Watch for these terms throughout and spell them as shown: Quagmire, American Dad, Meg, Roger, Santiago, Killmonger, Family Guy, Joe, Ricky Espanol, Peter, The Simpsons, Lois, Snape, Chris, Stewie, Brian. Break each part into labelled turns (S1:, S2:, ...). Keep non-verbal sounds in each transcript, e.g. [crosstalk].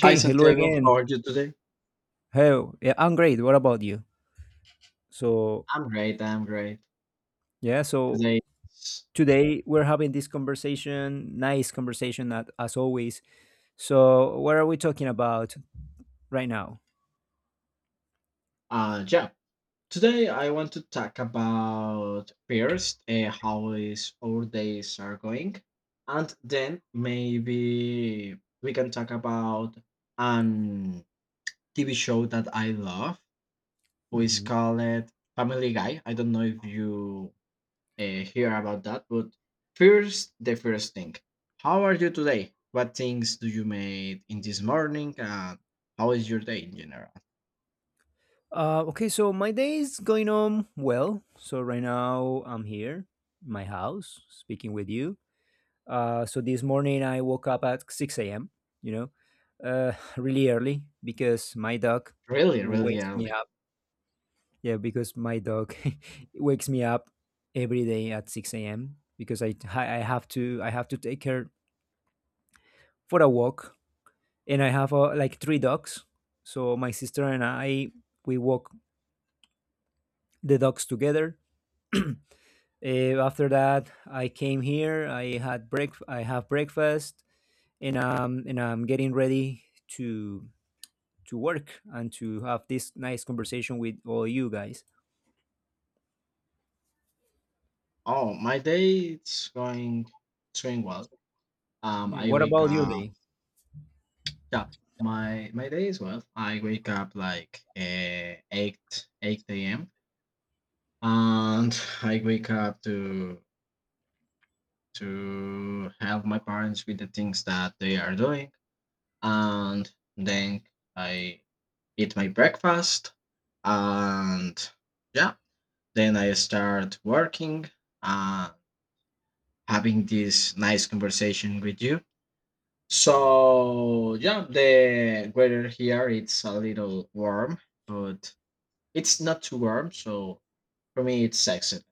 S1: Hi
S2: hello
S1: Santiago,
S2: again.
S1: how are you today?
S2: How? Yeah, I'm great. What about you? So,
S1: I'm great. I'm great.
S2: yeah, so
S1: Today,
S2: today we're having this conversation, nice conversation at, as always. So, what are we talking about right now?
S1: yeah. Today I want to talk about first how is our days are going, and then maybe we can talk about an TV show that I love, who is
S2: hmm
S1: called Family Guy. I don't know if you hear about that. But first, the first thing. How are you today? What things do you made in this morning? And how is your day in general?
S2: Okay, so my day is going on well. So, right now I'm here, my house, speaking with you. This morning I woke up at 6 a.m., you know, [laughs] really early because my dog
S1: Really, really
S2: wakes me.
S1: early.
S2: Yeah, because my dog [laughs] wakes me up every day at 6 a.m. because I have to I have to take her for a walk, and I have like 3 dogs. So my sister and I we walk the dogs together. After that, I came here. I had break. I have breakfast, and I'm getting ready to work and to have this nice conversation with all you guys.
S1: Oh, my day it's going well.
S2: Yeah,
S1: I
S2: what
S1: wake
S2: about your
S1: up.
S2: day?
S1: Yeah, my day is well. I wake up like eight a.m. and [laughs] I wake up to help my parents with the things that they are doing and then I eat my breakfast and yeah, then I start working and having this nice conversation with you. So yeah, the weather here it's a little warm, but it's not too warm, so for me it's excellent.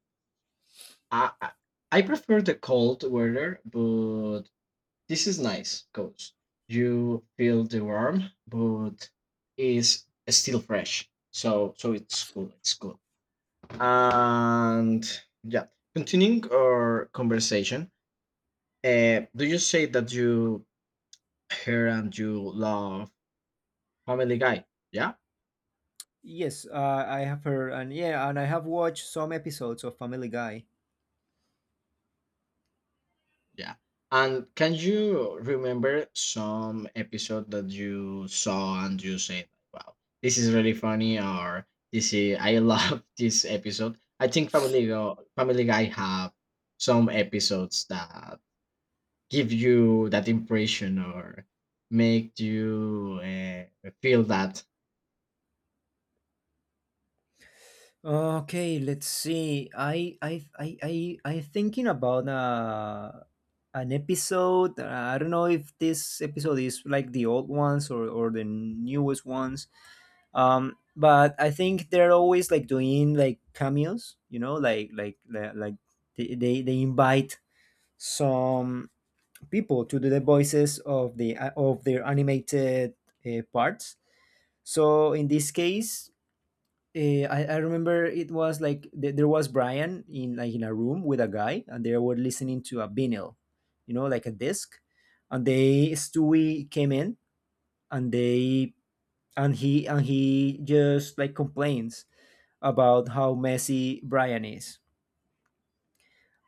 S1: i i, I prefer the cold weather, but this is nice because you feel the warm, but is still fresh. So it's cool. It's cool. And yeah, continuing our conversation. Do you say that you hear and you love Family Guy? Yeah.
S2: Yes, I have heard, and yeah, and I have watched some episodes of Family Guy.
S1: Yeah. And can you remember some episode that you saw and you said, wow, this is really funny or this is, I love [laughs] this episode. I think Family Guy have some episodes that give you that impression or make you feel that.
S2: Okay, let's see. I thinking about an episode. I don't know if this episode is like the old ones or the newest ones. But I think they're always like doing like cameos. You know, like they invite some people to do the voices of the of their animated parts. So in this case, I remember it was like there was Brian in like in a room with a guy, and they were listening to a vinyl, you know, like a disc. And they Stewie came in, and they and he just like complains about how messy Brian is.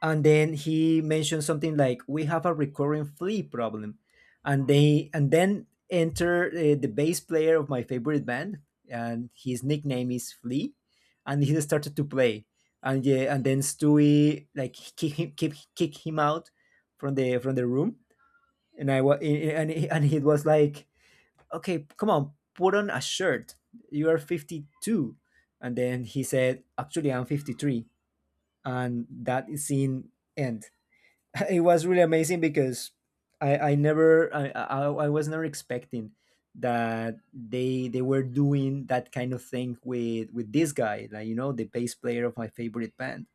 S2: And then he mentioned something like we have a recurring flea problem, and then enter the bass player of my favorite band, and his nickname is Flea, and he started to play. And yeah, and then Stewie like kick him kick, kick him out from the room. And I was and, he- and it was like, okay, come on, put on a shirt, you are 52. And then he said, actually, I'm 53, and that scene end. [laughs] It was really amazing because I I was never expecting that they were doing that kind of thing with this guy, like, you know, the bass player of my favorite band.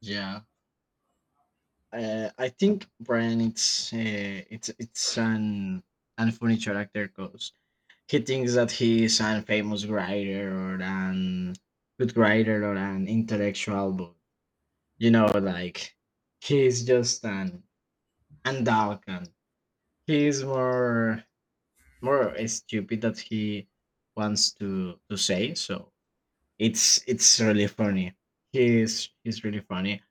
S1: Yeah. I think Brian, it's an furniture actor. He thinks that he is a famous writer or an good writer or an intellectual, but you know, like he's just an andalkan. He is more stupid that he wants to say. So it's really funny. He's really funny.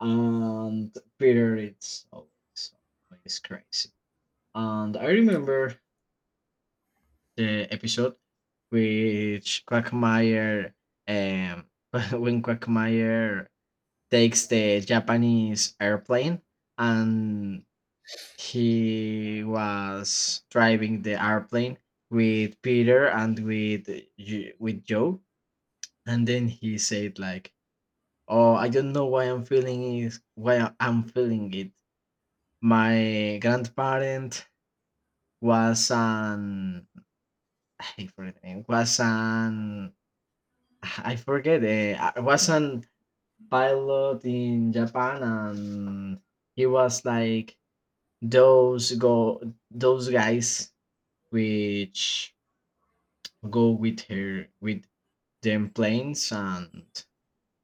S1: And Peter, it's always crazy. And I remember the episode which Quagmire um [laughs] when Quagmire takes the Japanese airplane and he was driving the airplane with Peter and with with Joe, and then he said like, oh, I don't know why I'm feeling it. My grandparent was an [laughs] I forget the name, was an I forget. I was an pilot in Japan, and he was like those go those guys which go with her with them planes and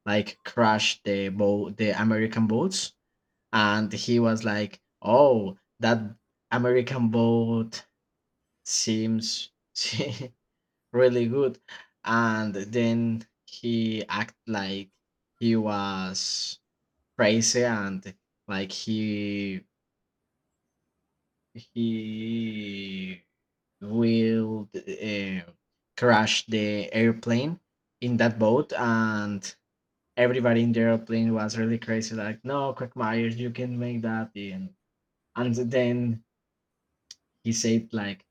S1: like crash the boat, the American boats. And he was like, "Oh, that American boat seems [laughs] really good." And then he act like he was crazy and like he will crash the airplane in that boat, and everybody in the airplane was really crazy, like, no Quagmire you can make that. And then he said like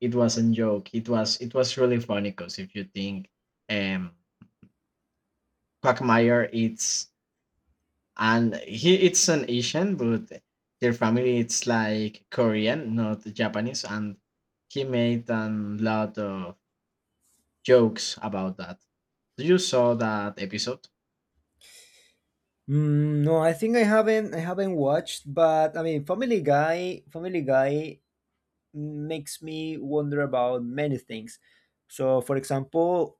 S1: it wasn't joke. It was really funny because if you think um Quagmire it's and he it's an Asian, but their family it's like Korean, not Japanese, and he made a lot of jokes about that. Do you saw that episode?
S2: Mm, no, I think I haven't watched, but I mean Family Guy makes me wonder about many things. So for example,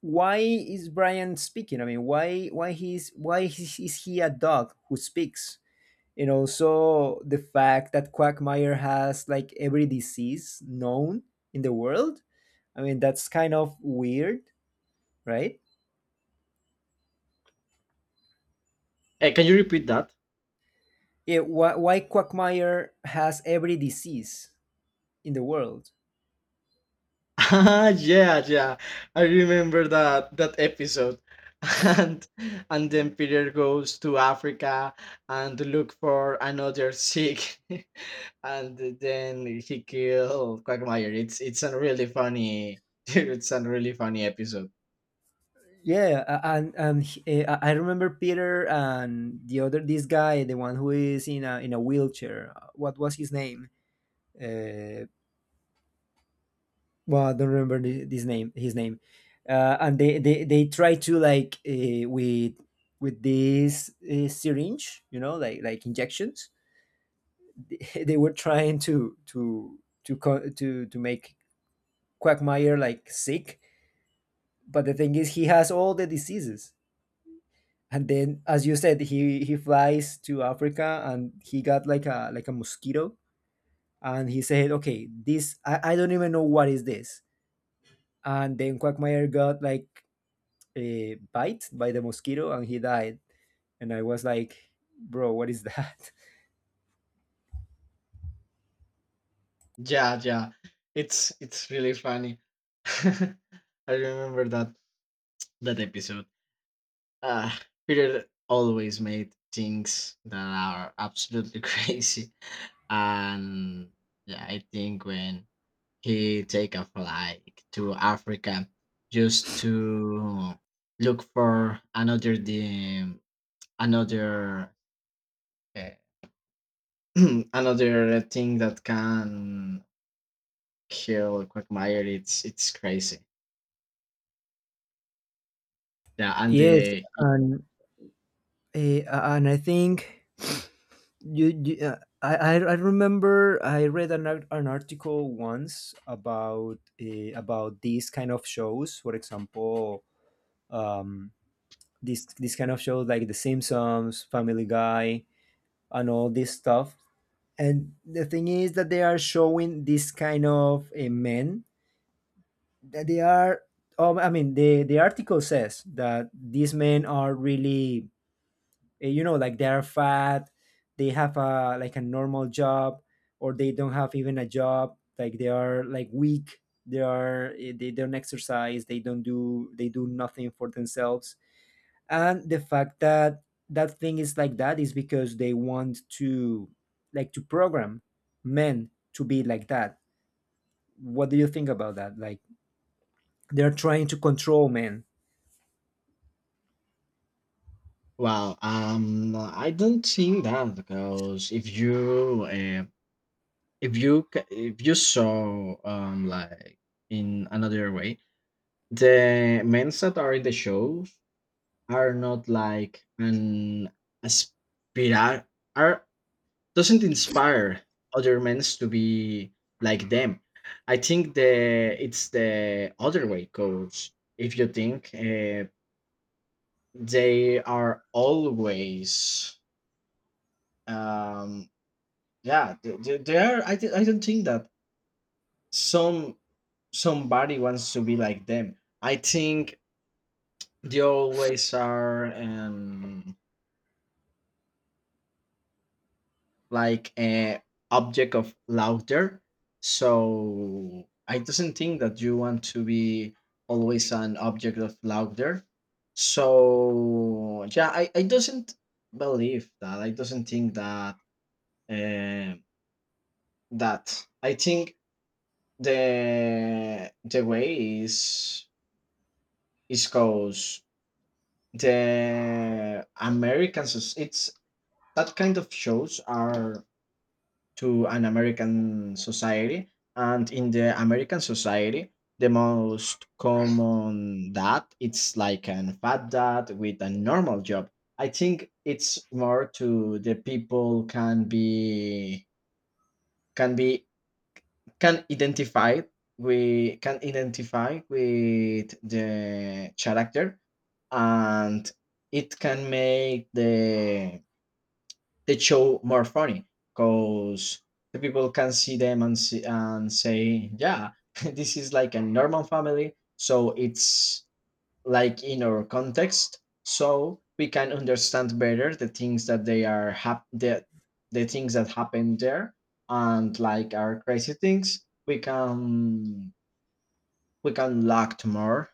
S2: why is Brian speaking? I mean, why is he a dog who speaks? And also the fact that Quagmire has like every disease known in the world. I mean, that's kind of weird, right?
S1: Hey, can you repeat that?
S2: Yeah, why Quagmire has every disease in the world?
S1: [laughs] Ah, yeah, yeah. I remember that episode. [laughs] And and then Peter goes to Africa and look for another sick, [laughs] and then he kill Quagmire. It's a really funny. [laughs] It's a really funny episode.
S2: Yeah, a- and he- eh, I remember Peter and the other this guy, the one who is in a wheelchair. What was his name? Uh, well, I don't remember this name, his name, and they try to like with this syringe, you know, like injections. [laughs] They were trying to to make Quagmire like sick, but the thing is, he has all the diseases. And then, as you said, he flies to Africa, and he got like a mosquito, and he said, "Okay, this I don't even know what is this." And then Quagmire got like bite by the mosquito, and he died. And I was like, bro, what is that? [laughs]
S1: Yeah, yeah. It's really funny. [laughs] I remember that episode. Uh, Peter always made things that are absolutely [laughs] crazy, and yeah, I think when he take a flight to Africa just to look for another uh, [clears throat] another thing that can kill Quagmire, it's crazy. Yeah, and
S2: Yes,
S1: the
S2: and uh, I think you, you I remember I read an article once about these kind of shows. For example, um, this this kind of shows like The Simpsons, Family Guy, and all this stuff. And the thing is that they are showing this kind of men that they are I mean, the article says that these men are really you know, like they're fat, they have a like a normal job, or they don't have even a job, like they are like weak, they are they don't exercise, they don't do, they do nothing for themselves. And the fact that that thing is like that is because they want to like to program men to be like that. What do you think about that, like they're trying to control men?
S1: well, I don't think that because if you if you saw like in another way, the men that are in the shows are not like an aspira are doesn't inspire other men to be like them. I think the it's the other way because if you think they are always um yeah, they are I don't think that some somebody wants to be like them. I think they always are like a object of laughter, so I doesn't think that you want to be always an object of laughter. So yeah, I doesn't believe that. I doesn't think that um I think the way is cause the American it's that kind of shows are to an American society, and in the American society, the most common dad it's like an fat dad with a normal job. I think it's more to the people can be can be can identify, we can identify with the character, and it can make the show more funny because the people can see them and see, and say, yeah, [laughs] this is like a normal family, so it's like in our context, so we can understand better the things that the things that happen there. And like, our crazy things, we can locked more,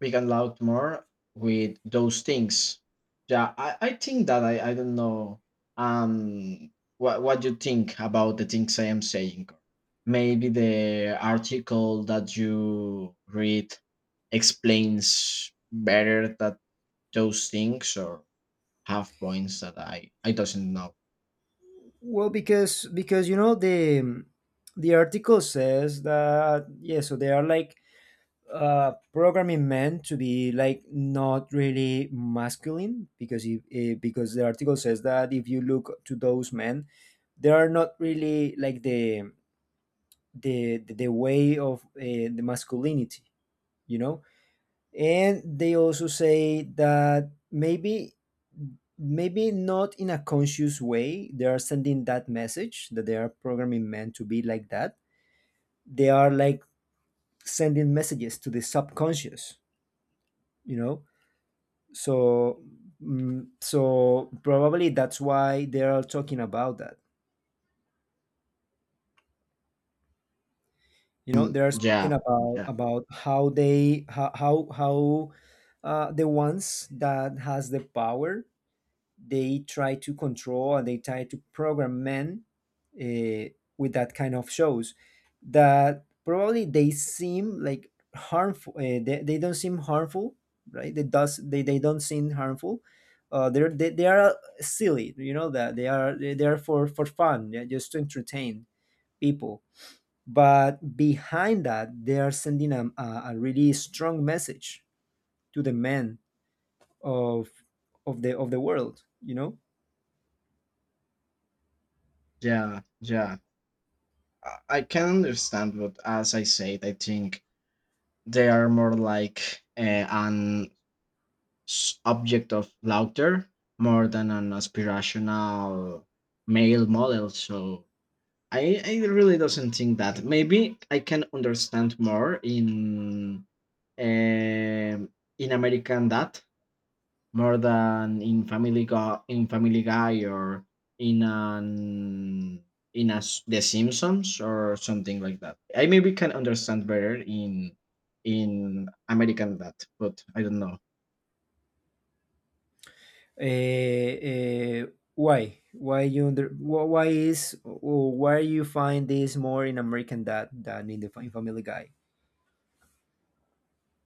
S1: we can loud more with those things. Yeah, I think that, I don't know, um what you think about the things I am saying. Maybe the article that you read explains better that those things or have points that I doesn't know.
S2: Well, because you know the article says that, yeah, so they are like programming men to be like not really masculine, because if eh, because the article says that if you look to those men, they are not really like the way of the masculinity, you know. And they also say that maybe not in a conscious way they are sending that message, that they are programming men to be like that. They are like sending messages to the subconscious, you know. So mm, so probably that's why they are talking about that. You know,
S1: Mm,
S2: they are
S1: yeah,
S2: speaking about
S1: yeah,
S2: how how the ones that has the power, they try to control and they try to program men uh, with that kind of shows that probably they seem like harmful. They don't seem harmful, right? They don't seem harmful. They are silly, you know, that they are for fun, yeah, just to entertain people. But behind that, they are sending a really strong message to the men of of the world, you know.
S1: yeah, yeah. I can understand, but as I said, I think they are more like an object of laughter more than an aspirational male model. So I really doesn't think that. Maybe I can understand more um in American Dad more than in in Family Guy, or in an in a, The Simpsons or something like that. I maybe can understand better in American that, but I don't know.
S2: uh, uh, why you under wh- why is, or why you find this more in American Dad than in the in Family Guy?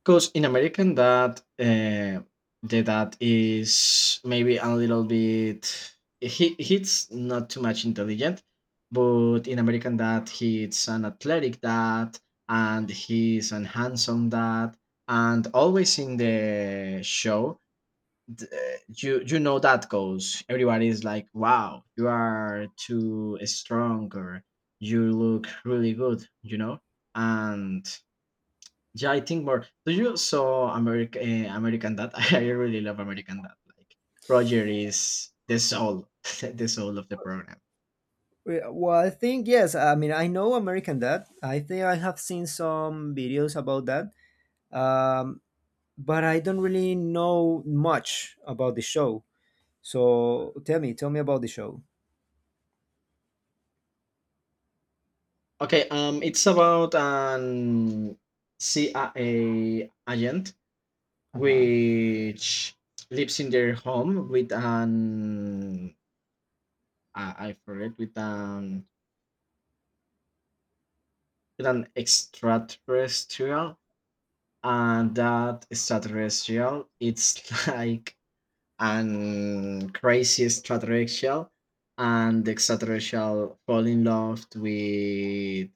S1: 'Cause in American that the dad is maybe a little bit he's not too much intelligent, but in American dad he's an athletic dad and he's an handsome dad. And always in the show you you know that goes, everybody is like, wow, you are too strong, or you look really good, you know. And yeah, I think more. Do you saw America, American Dad? [laughs] I really love American Dad. Like Roger is the soul, [laughs] the soul of the program.
S2: I think yes, I mean, I know American Dad, I think I have seen some videos about that, um, but I don't really know much about the show. So tell me about the show.
S1: Okay, it's about an CIA agent
S2: Uh-huh.
S1: which lives in their home with an I forget with an extraterrestrial, and that extraterrestrial it's [laughs] like and crazy extraterrestrial, and the extraterrestrial fall in love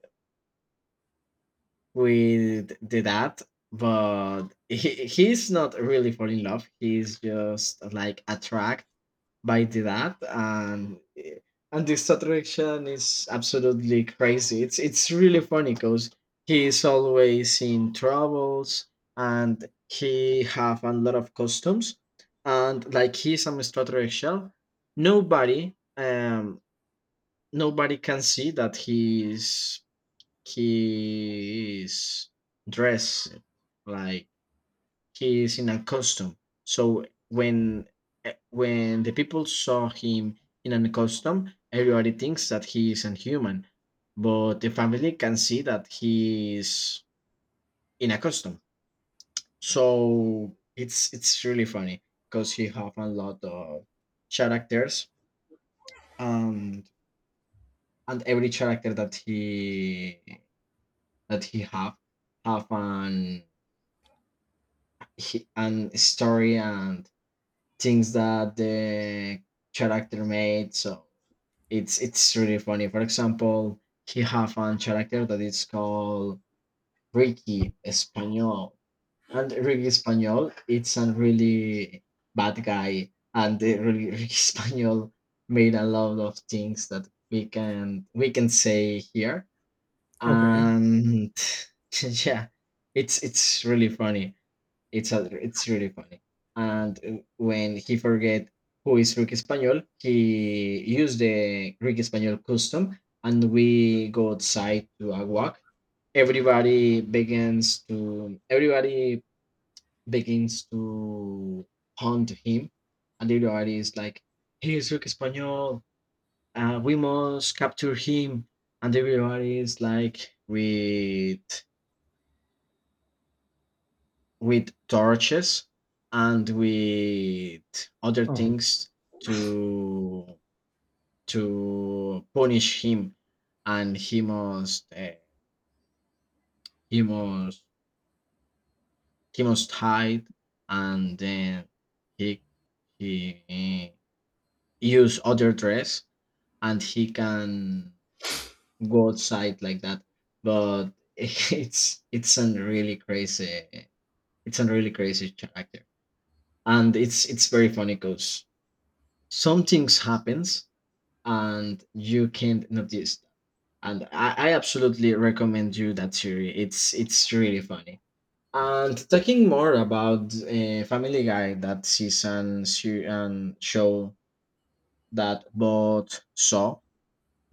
S1: with the dad. But he's not really fall in love, he's just like attract by the dad. And and this attraction is absolutely crazy. It's really funny because he is always in troubles, and he have a lot of customs, and like he's an extraterrestrial. nobody um Nobody can see that he's dressed like he is in a costume. So when when the people saw him in a costume, everybody thinks that he is a human, but the family can see that he is in a costume. So it's really funny because he have a lot of characters, and and every character that he have an an story and things that the character made. So it's really funny. For example, he have a character that is called Ricky Espanol, and Ricky Espanol it's a really bad guy, and the really [laughs] Ricky Espanol made a lot of things that we can say here,
S2: Okay.
S1: and [laughs] yeah, it's really funny. It's other. It's really funny. And when he forget who is Rick Espanol, he used the Rick Espanol custom, and we go outside to a walk. Everybody begins to begins to hunt him, and everybody is like, "Here's Rick Espanol. We must capture him." And everybody is like, with. With torches and with other
S2: Uh-huh.
S1: things to punish him. And he must he must he must hide, and then he he use other dress, and he can go outside like that. But [laughs] it's a really crazy, it's a really crazy character. And it's very funny because some things happens and you can't notice that. And I absolutely recommend you that series. It's really funny. And talking more about Family Guy, that season se- and show that both saw,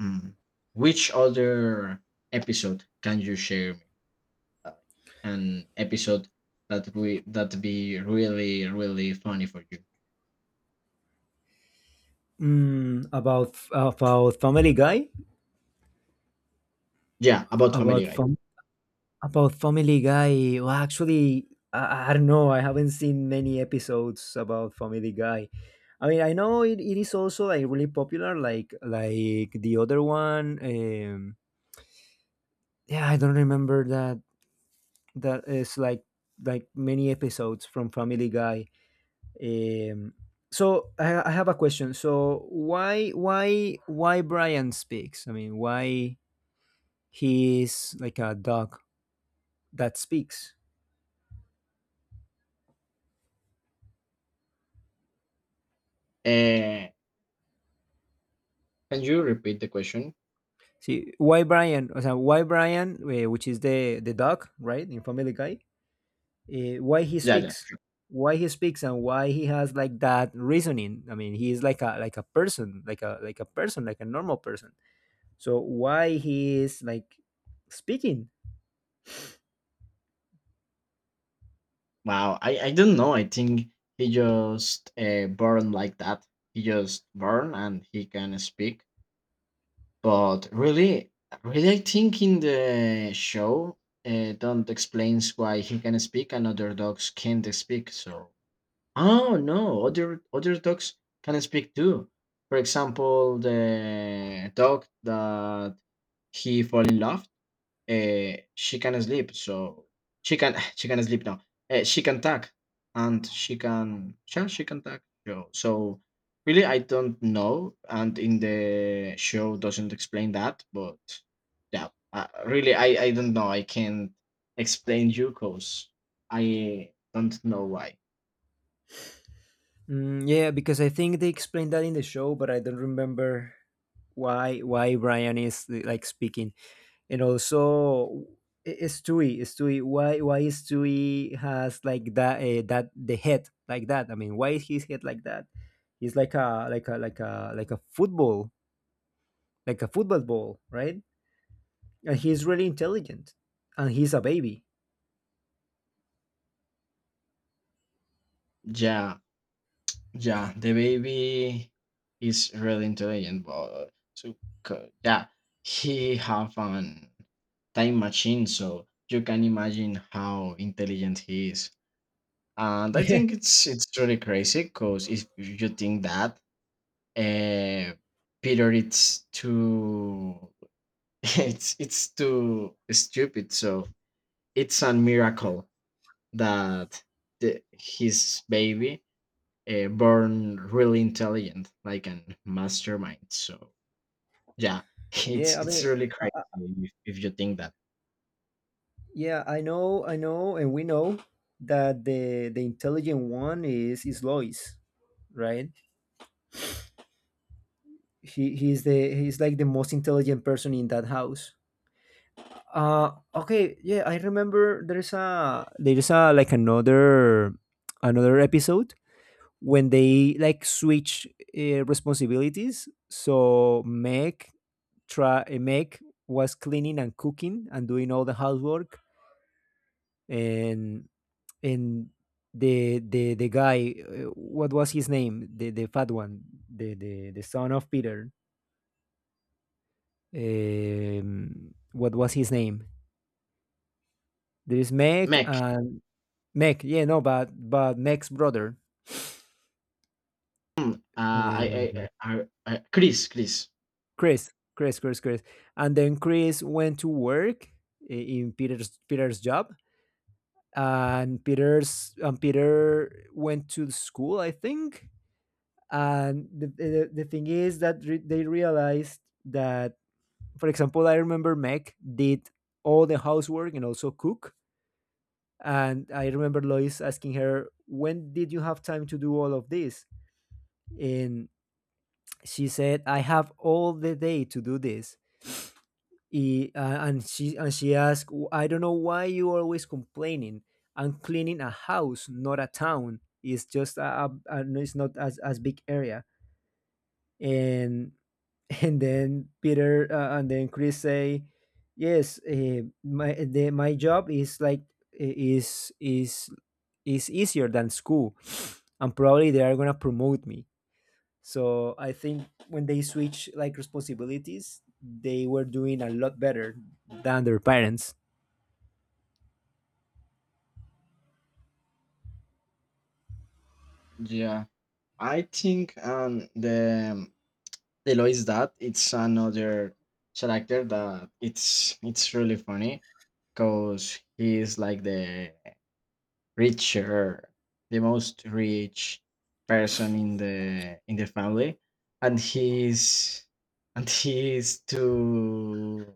S1: mm, which other episode can you share me, uh, an episode that we that be really really funny for you?
S2: Mm, about Family Guy.
S1: Yeah, about Family
S2: about
S1: Guy.
S2: fam- about Family Guy. Well, actually, I don't know. I haven't seen many episodes about Family Guy. I mean, I know it, it is also like really popular, like the other one. Yeah, I don't remember that. That is like many episodes from Family Guy. Um, so I have a question. So why Brian speaks? I mean, why he is like a dog that speaks?
S1: uh, can you repeat the question?
S2: See, why Brian? O sea, why Brian, which is the dog, right, in Family Guy, eh, why he
S1: Yeah, yeah,
S2: speaks,
S1: sure.
S2: why he speaks, and why he has like that reasoning. I mean, he is like a person, like a person, like a normal person. So why he is like speaking?
S1: Wow, I don't know. I think he just born like that. He just born and he can speak. But really, really, I think in the show, don't explains why he can speak and other dogs can't speak. So, oh no, other dogs can speak too. For example, the dog that he fall in love. She can sleep, so she can [sighs] she can sleep now. She can talk, and she can yeah, she can talk. So really, I don't know, and in the show doesn't explain that, but yeah, really, I don't know. I can't explain you because I don't know why.
S2: Mm, yeah, because I think they explained that in the show, but I don't remember why Brian is like speaking. And also i- Stewie. Why Stewie has like that that the head like that? I mean, why is his head like that? He's like a like a football, like a football ball, right? And he's really intelligent, and he's a baby.
S1: Yeah, yeah, the baby is really intelligent, but so yeah, he have an time machine so you can imagine how intelligent he is.
S2: [laughs]
S1: And I
S2: Yeah.
S1: think it's really crazy because if you think that uh Peter it's too [laughs] it's too stupid, so it's a miracle that his baby born really intelligent like an mastermind. So yeah, [laughs]
S2: Yeah,
S1: it's
S2: I
S1: it's
S2: mean,
S1: really
S2: uh,
S1: crazy.
S2: uh,
S1: If you think that
S2: yeah, I know, and we know that the intelligent one is Lois, right? He he's the he's like the most intelligent person in that house. Okay, yeah, I remember there's a like another episode when they like switch responsibilities. So Meg try, Meg was cleaning and cooking and doing all the housework, and and the guy, what was his name? The fat one, the son of Peter. What was his name? There is Meg,
S1: mech.
S2: and Meg, yeah, no, but Meg's brother,
S1: Mm, uh, I,
S2: uh,
S1: I, I, Chris, Chris.
S2: Chris. And then Chris went to work in Peter's job, and Peter went to school, I think. And the thing is that they realized that, for example, I remember Meg did all the housework and also cook. And I remember Lois asking her, "When did you have time to do all of this?" And she said, I have all the day to do this. And she and she asked, I don't know why you are always complaining. I'm cleaning a house, not a town. It's just it's not as, as big area." And [laughs] and then Chris say, yes, my job is like is is is easier than school, and probably they are gonna promote me. So I think when they switch like responsibilities, they were doing a lot better than their parents.
S1: Yeah, I think the Lois that it's another character that it's really funny, because he is like the richer, the most rich person in the family, and he's and he is too.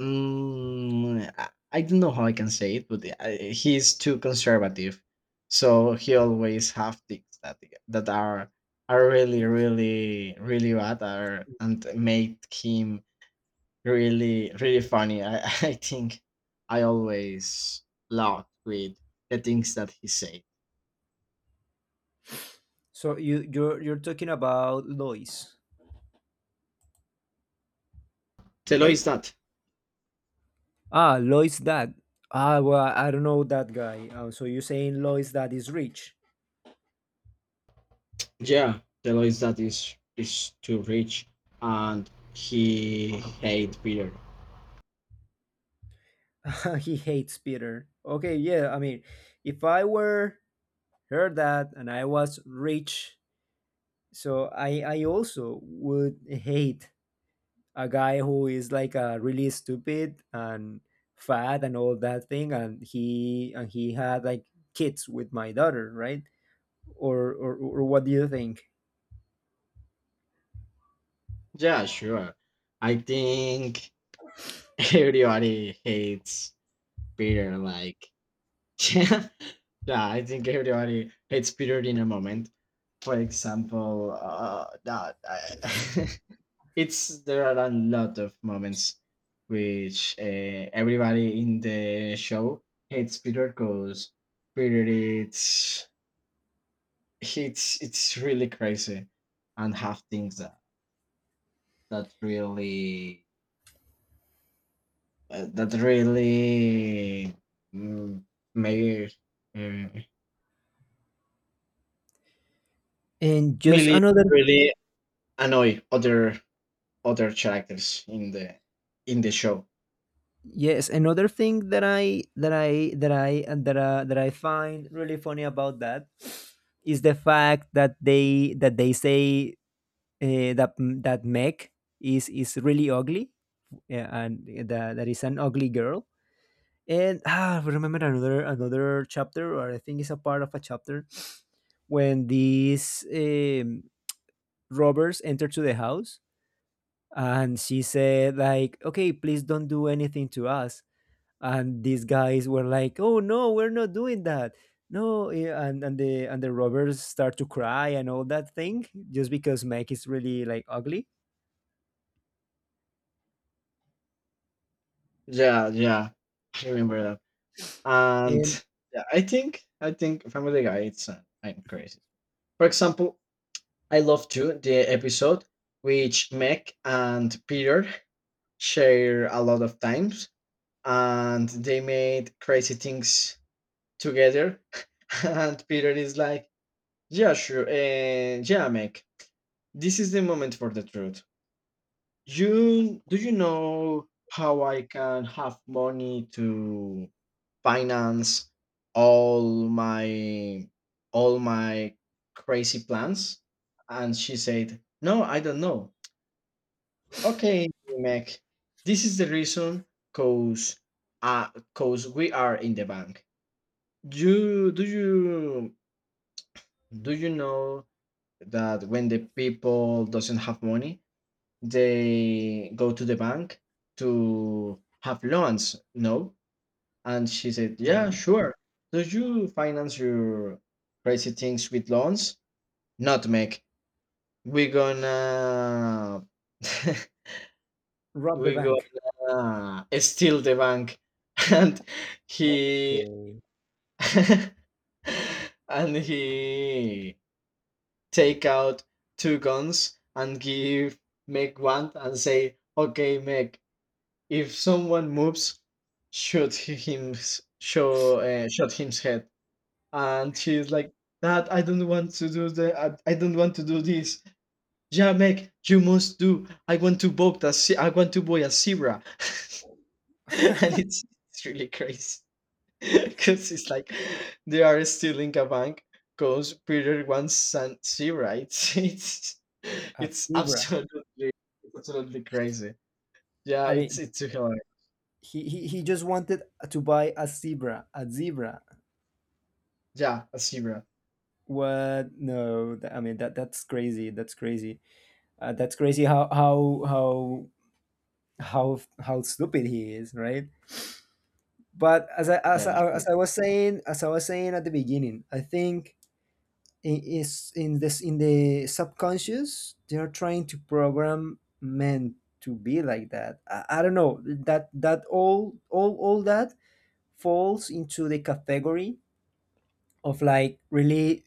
S1: I don't know how I can say it, but he too conservative, so he always have things that that are really, really, really bad, are and make him really, really funny. I [laughs] I think I always laugh with the things that he say.
S2: So you're talking about Lois,
S1: Telo
S2: right?
S1: is that,
S2: Ah, Lois dad. Ah, well, I don't know that guy. So you're saying Lois dad is rich?
S1: yeah, Telo is that is too rich, and he hate Peter.
S2: [laughs] He hates Peter. Okay, yeah. I mean, if I were her dad and I was rich, so I also would hate a guy who is like really stupid and fat and all that thing and he had like kids with my daughter, right? Or what do you think?
S1: Yeah, sure. I think [laughs] everybody hates Peter. Like, [laughs] yeah, I think everybody hates Peter in a moment. For example, [laughs] it's there are a lot of moments which everybody in the show hates Peter because Peter it's it's really crazy and have things that that really that really mm, may
S2: And just
S1: really
S2: another,
S1: really annoy other other characters in the show.
S2: yes, another thing that I that I that I that that I find really funny about that is the fact that they say that Meg is really ugly, yeah, and that is an ugly girl. And [sighs] ah, I remember another chapter, or I think it's a part of a chapter, when these robbers enter to the house, and she said like, "Okay, please don't do anything to us." And these guys were like, "Oh no, we're not doing that." No, and the robbers start to cry and all that thing just because Meg is really like ugly.
S1: Yeah, yeah, I remember that.
S2: And
S1: And yeah, I think Family Guy it's I'm crazy. For example, I love too the episode which Meg and Peter share a lot of times, and they made crazy things together. [laughs] And Peter is like, "Yeah, sure. And yeah, Meg, this is the moment for the truth. You do you know how I can have money to finance all my all my crazy plans?" And she said, "No, I don't know." "Okay, Meg, this is the reason cause cause we are in the bank. You do you do you know that when the people doesn't have money they go to the bank to have loans, no?" And she said, "Yeah,
S2: mhm,
S1: sure." "Do you finance your crazy things with loans? Not make, we're gonna [laughs]
S2: rob the
S1: we're
S2: bank.
S1: gonna steal the bank." [laughs] And he
S2: Okay,
S1: [laughs] and he take out two guns and give Meg one and say, "Okay, Meg, if someone moves, shoot him, shot him's head." And she's like, "That I don't want to do the, I don't want to do this." "Yeah, Meg, you must do. I want to book the, I want to boy a zebra." [laughs] And
S2: [laughs]
S1: it's really crazy. [laughs] Because it's like they are stealing a bank because Peter wants some sea rights. [laughs]
S2: a zebra.
S1: It's absolutely crazy. Yeah,
S2: I mean,
S1: it's hilarious.
S2: he just wanted to buy a zebra, a zebra.
S1: Yeah, a zebra.
S2: What no th- I mean that's crazy, that's crazy, that's crazy how stupid he is, right? But as I as
S1: Yeah,
S2: I, as
S1: sure.
S2: I was saying as I was saying at the beginning, I think is in this in the subconscious they're trying to program men to be like that. I don't know, that that all that falls into the category of like really,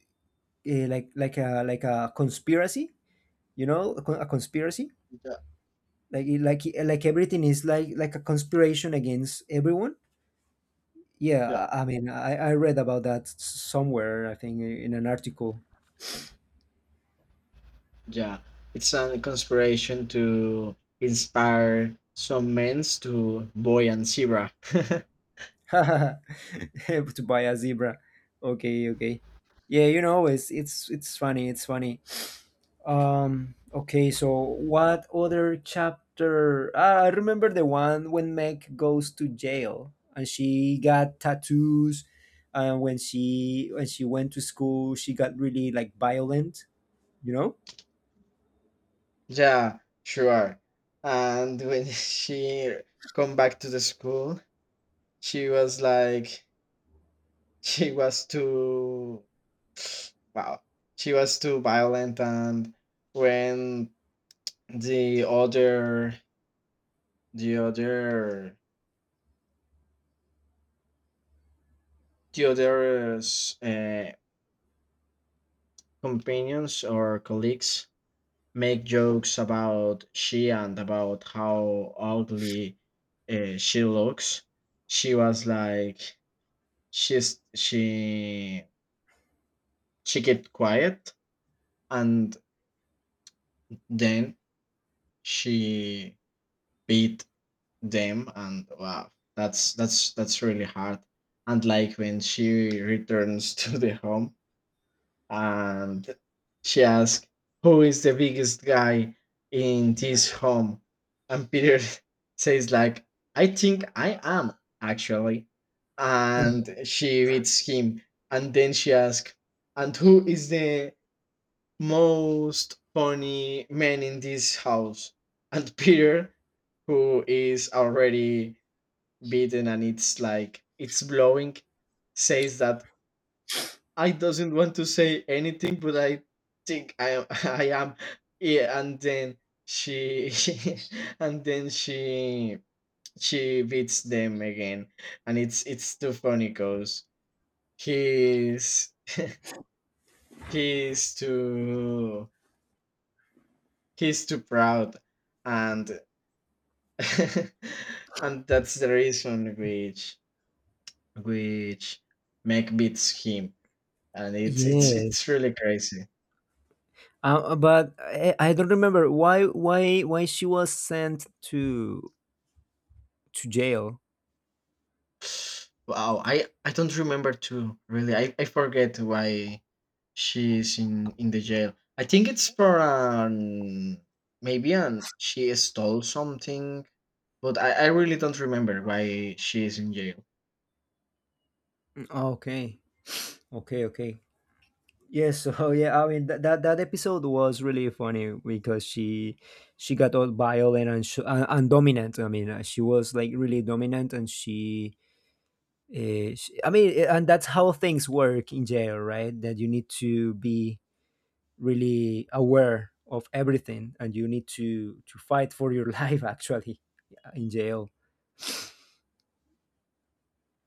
S2: like a conspiracy, you know, a conspiracy,
S1: Yeah,
S2: like like everything is like a conspiration against everyone, yeah.
S1: yeah,
S2: I mean I read about that somewhere, I think, in an article.
S1: yeah. It's a conspiration to inspire some men to boy and zebra.
S2: [laughs] To buy a zebra. Okay, okay, yeah, you know, it's funny, it's funny. Okay, so what other chapter? Ah, I remember the one when Meg goes to jail and she got tattoos. And when she went to school, she got really like violent, you know?
S1: [laughs] Yeah, sure. And when [laughs] she come back to the school, she was like she was too [sniffs] wow she was too violent. And when the other the other the other uh, companions or colleagues make jokes about she and about how ugly she looks, she was like she's she kept quiet, and then she beat them. And wow, that's really hard. And like when she returns, [laughs] to the home, and she asks who is the biggest guy in this home, and Peter [laughs] says like, "I think I am, actually."
S2: Mhm.
S1: And she beats him. And then she asks, "And who is the most funny man in this house?" And Peter, who is already beaten and it's like it's blowing, says that, "I doesn't want to say anything, but I think I am." [laughs] "I am." Yeah, and then she [laughs] and then she beats them again. And it's too funny because he's he's too he's too proud, and [laughs] and that's the reason which make beats him. And it's
S2: Yes.
S1: really crazy.
S2: But I don't remember why she was sent to jail.
S1: Wow, I don't remember too really. I forget why she's in the jail. I think it's for an, maybe an she stole something, but I really don't remember why she is in jail.
S2: Okay. Okay, okay. Yes, so [laughs] yeah, I mean that episode was really funny because she got all violent and and dominant. I mean, she was like really dominant, and I mean, and that's how things work in jail, right? That you need to be really aware of everything, and you need to fight for your [laughs] life, actually, yeah, in jail.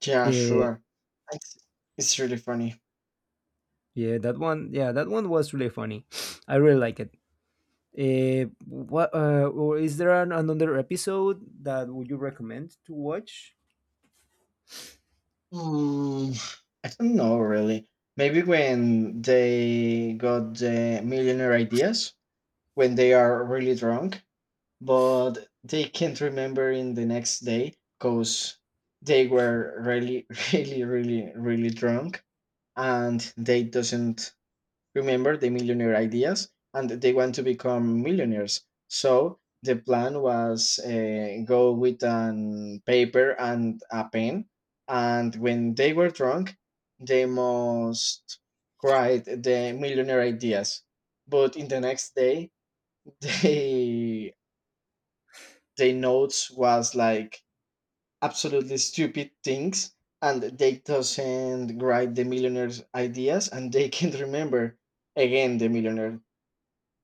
S1: Yeah,
S2: Uh,
S1: sure. It's it's really funny.
S2: yeah, that one was really funny. I really like it. What Or is there another episode that would you recommend to watch?
S1: Mm, I don't know really. Maybe when they got the millionaire ideas, when they are really drunk but they can't remember in the next day because they were really [laughs] really really really drunk, and they doesn't remember the millionaire ideas and they want to become millionaires. So the plan was go with an paper and a pen, and when they were drunk they must write the millionaire ideas. But in the next day [laughs] they their notes was like absolutely stupid things, and they doesn't write the millionaire's ideas and they [laughs] can't remember again the millionaire,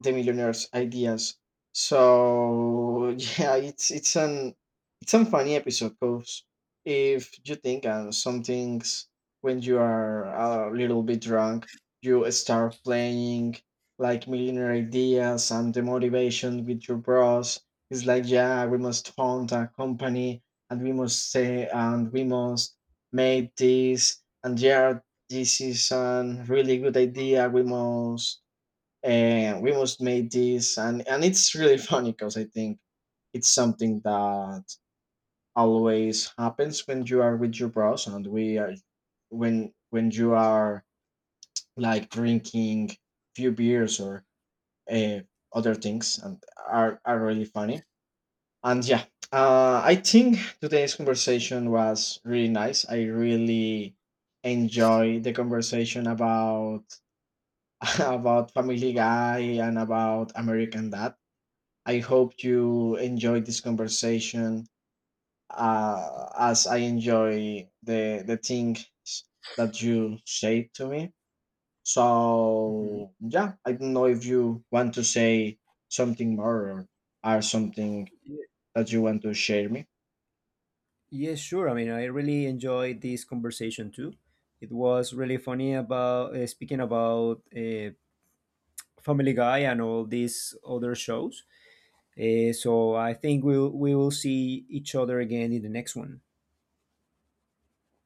S1: the Millionaire's Ideas. So [laughs] yeah, it's an it's a funny episode because if you think on some things when you are a little bit drunk, you start playing like millionaire ideas and the motivation with your bros. It's like, "Yeah, we must found a company and we must say and we must make this. And yeah, this is a really good idea. We must and we must make this." And it's really [laughs] funny because I think it's something that always happens when you are with your bros. And we are when you are like drinking few beers or uh, other things, and are really funny. And yeah, I think today's conversation was really nice. I really enjoy the conversation about [laughs] about Family Guy and about American Dad. I hope you enjoyed this conversation as I enjoy the things that you say to me.
S2: Mhm.
S1: So yeah, I don't know if you want to say something more, or something that you want to share me.
S2: Yes, sure. I mean, I really enjoyed this conversation too. It was really funny about speaking about Family Guy and all these other shows. So I think we will see each other again in the next one.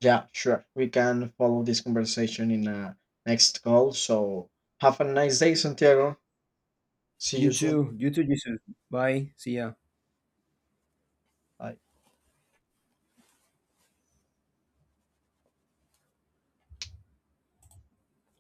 S1: Yeah, sure. We can follow this conversation in a next call. So have a nice day, Santiago. See
S2: You
S1: you soon.
S2: too. You too. Jesus. Bye. See ya.
S1: Bye.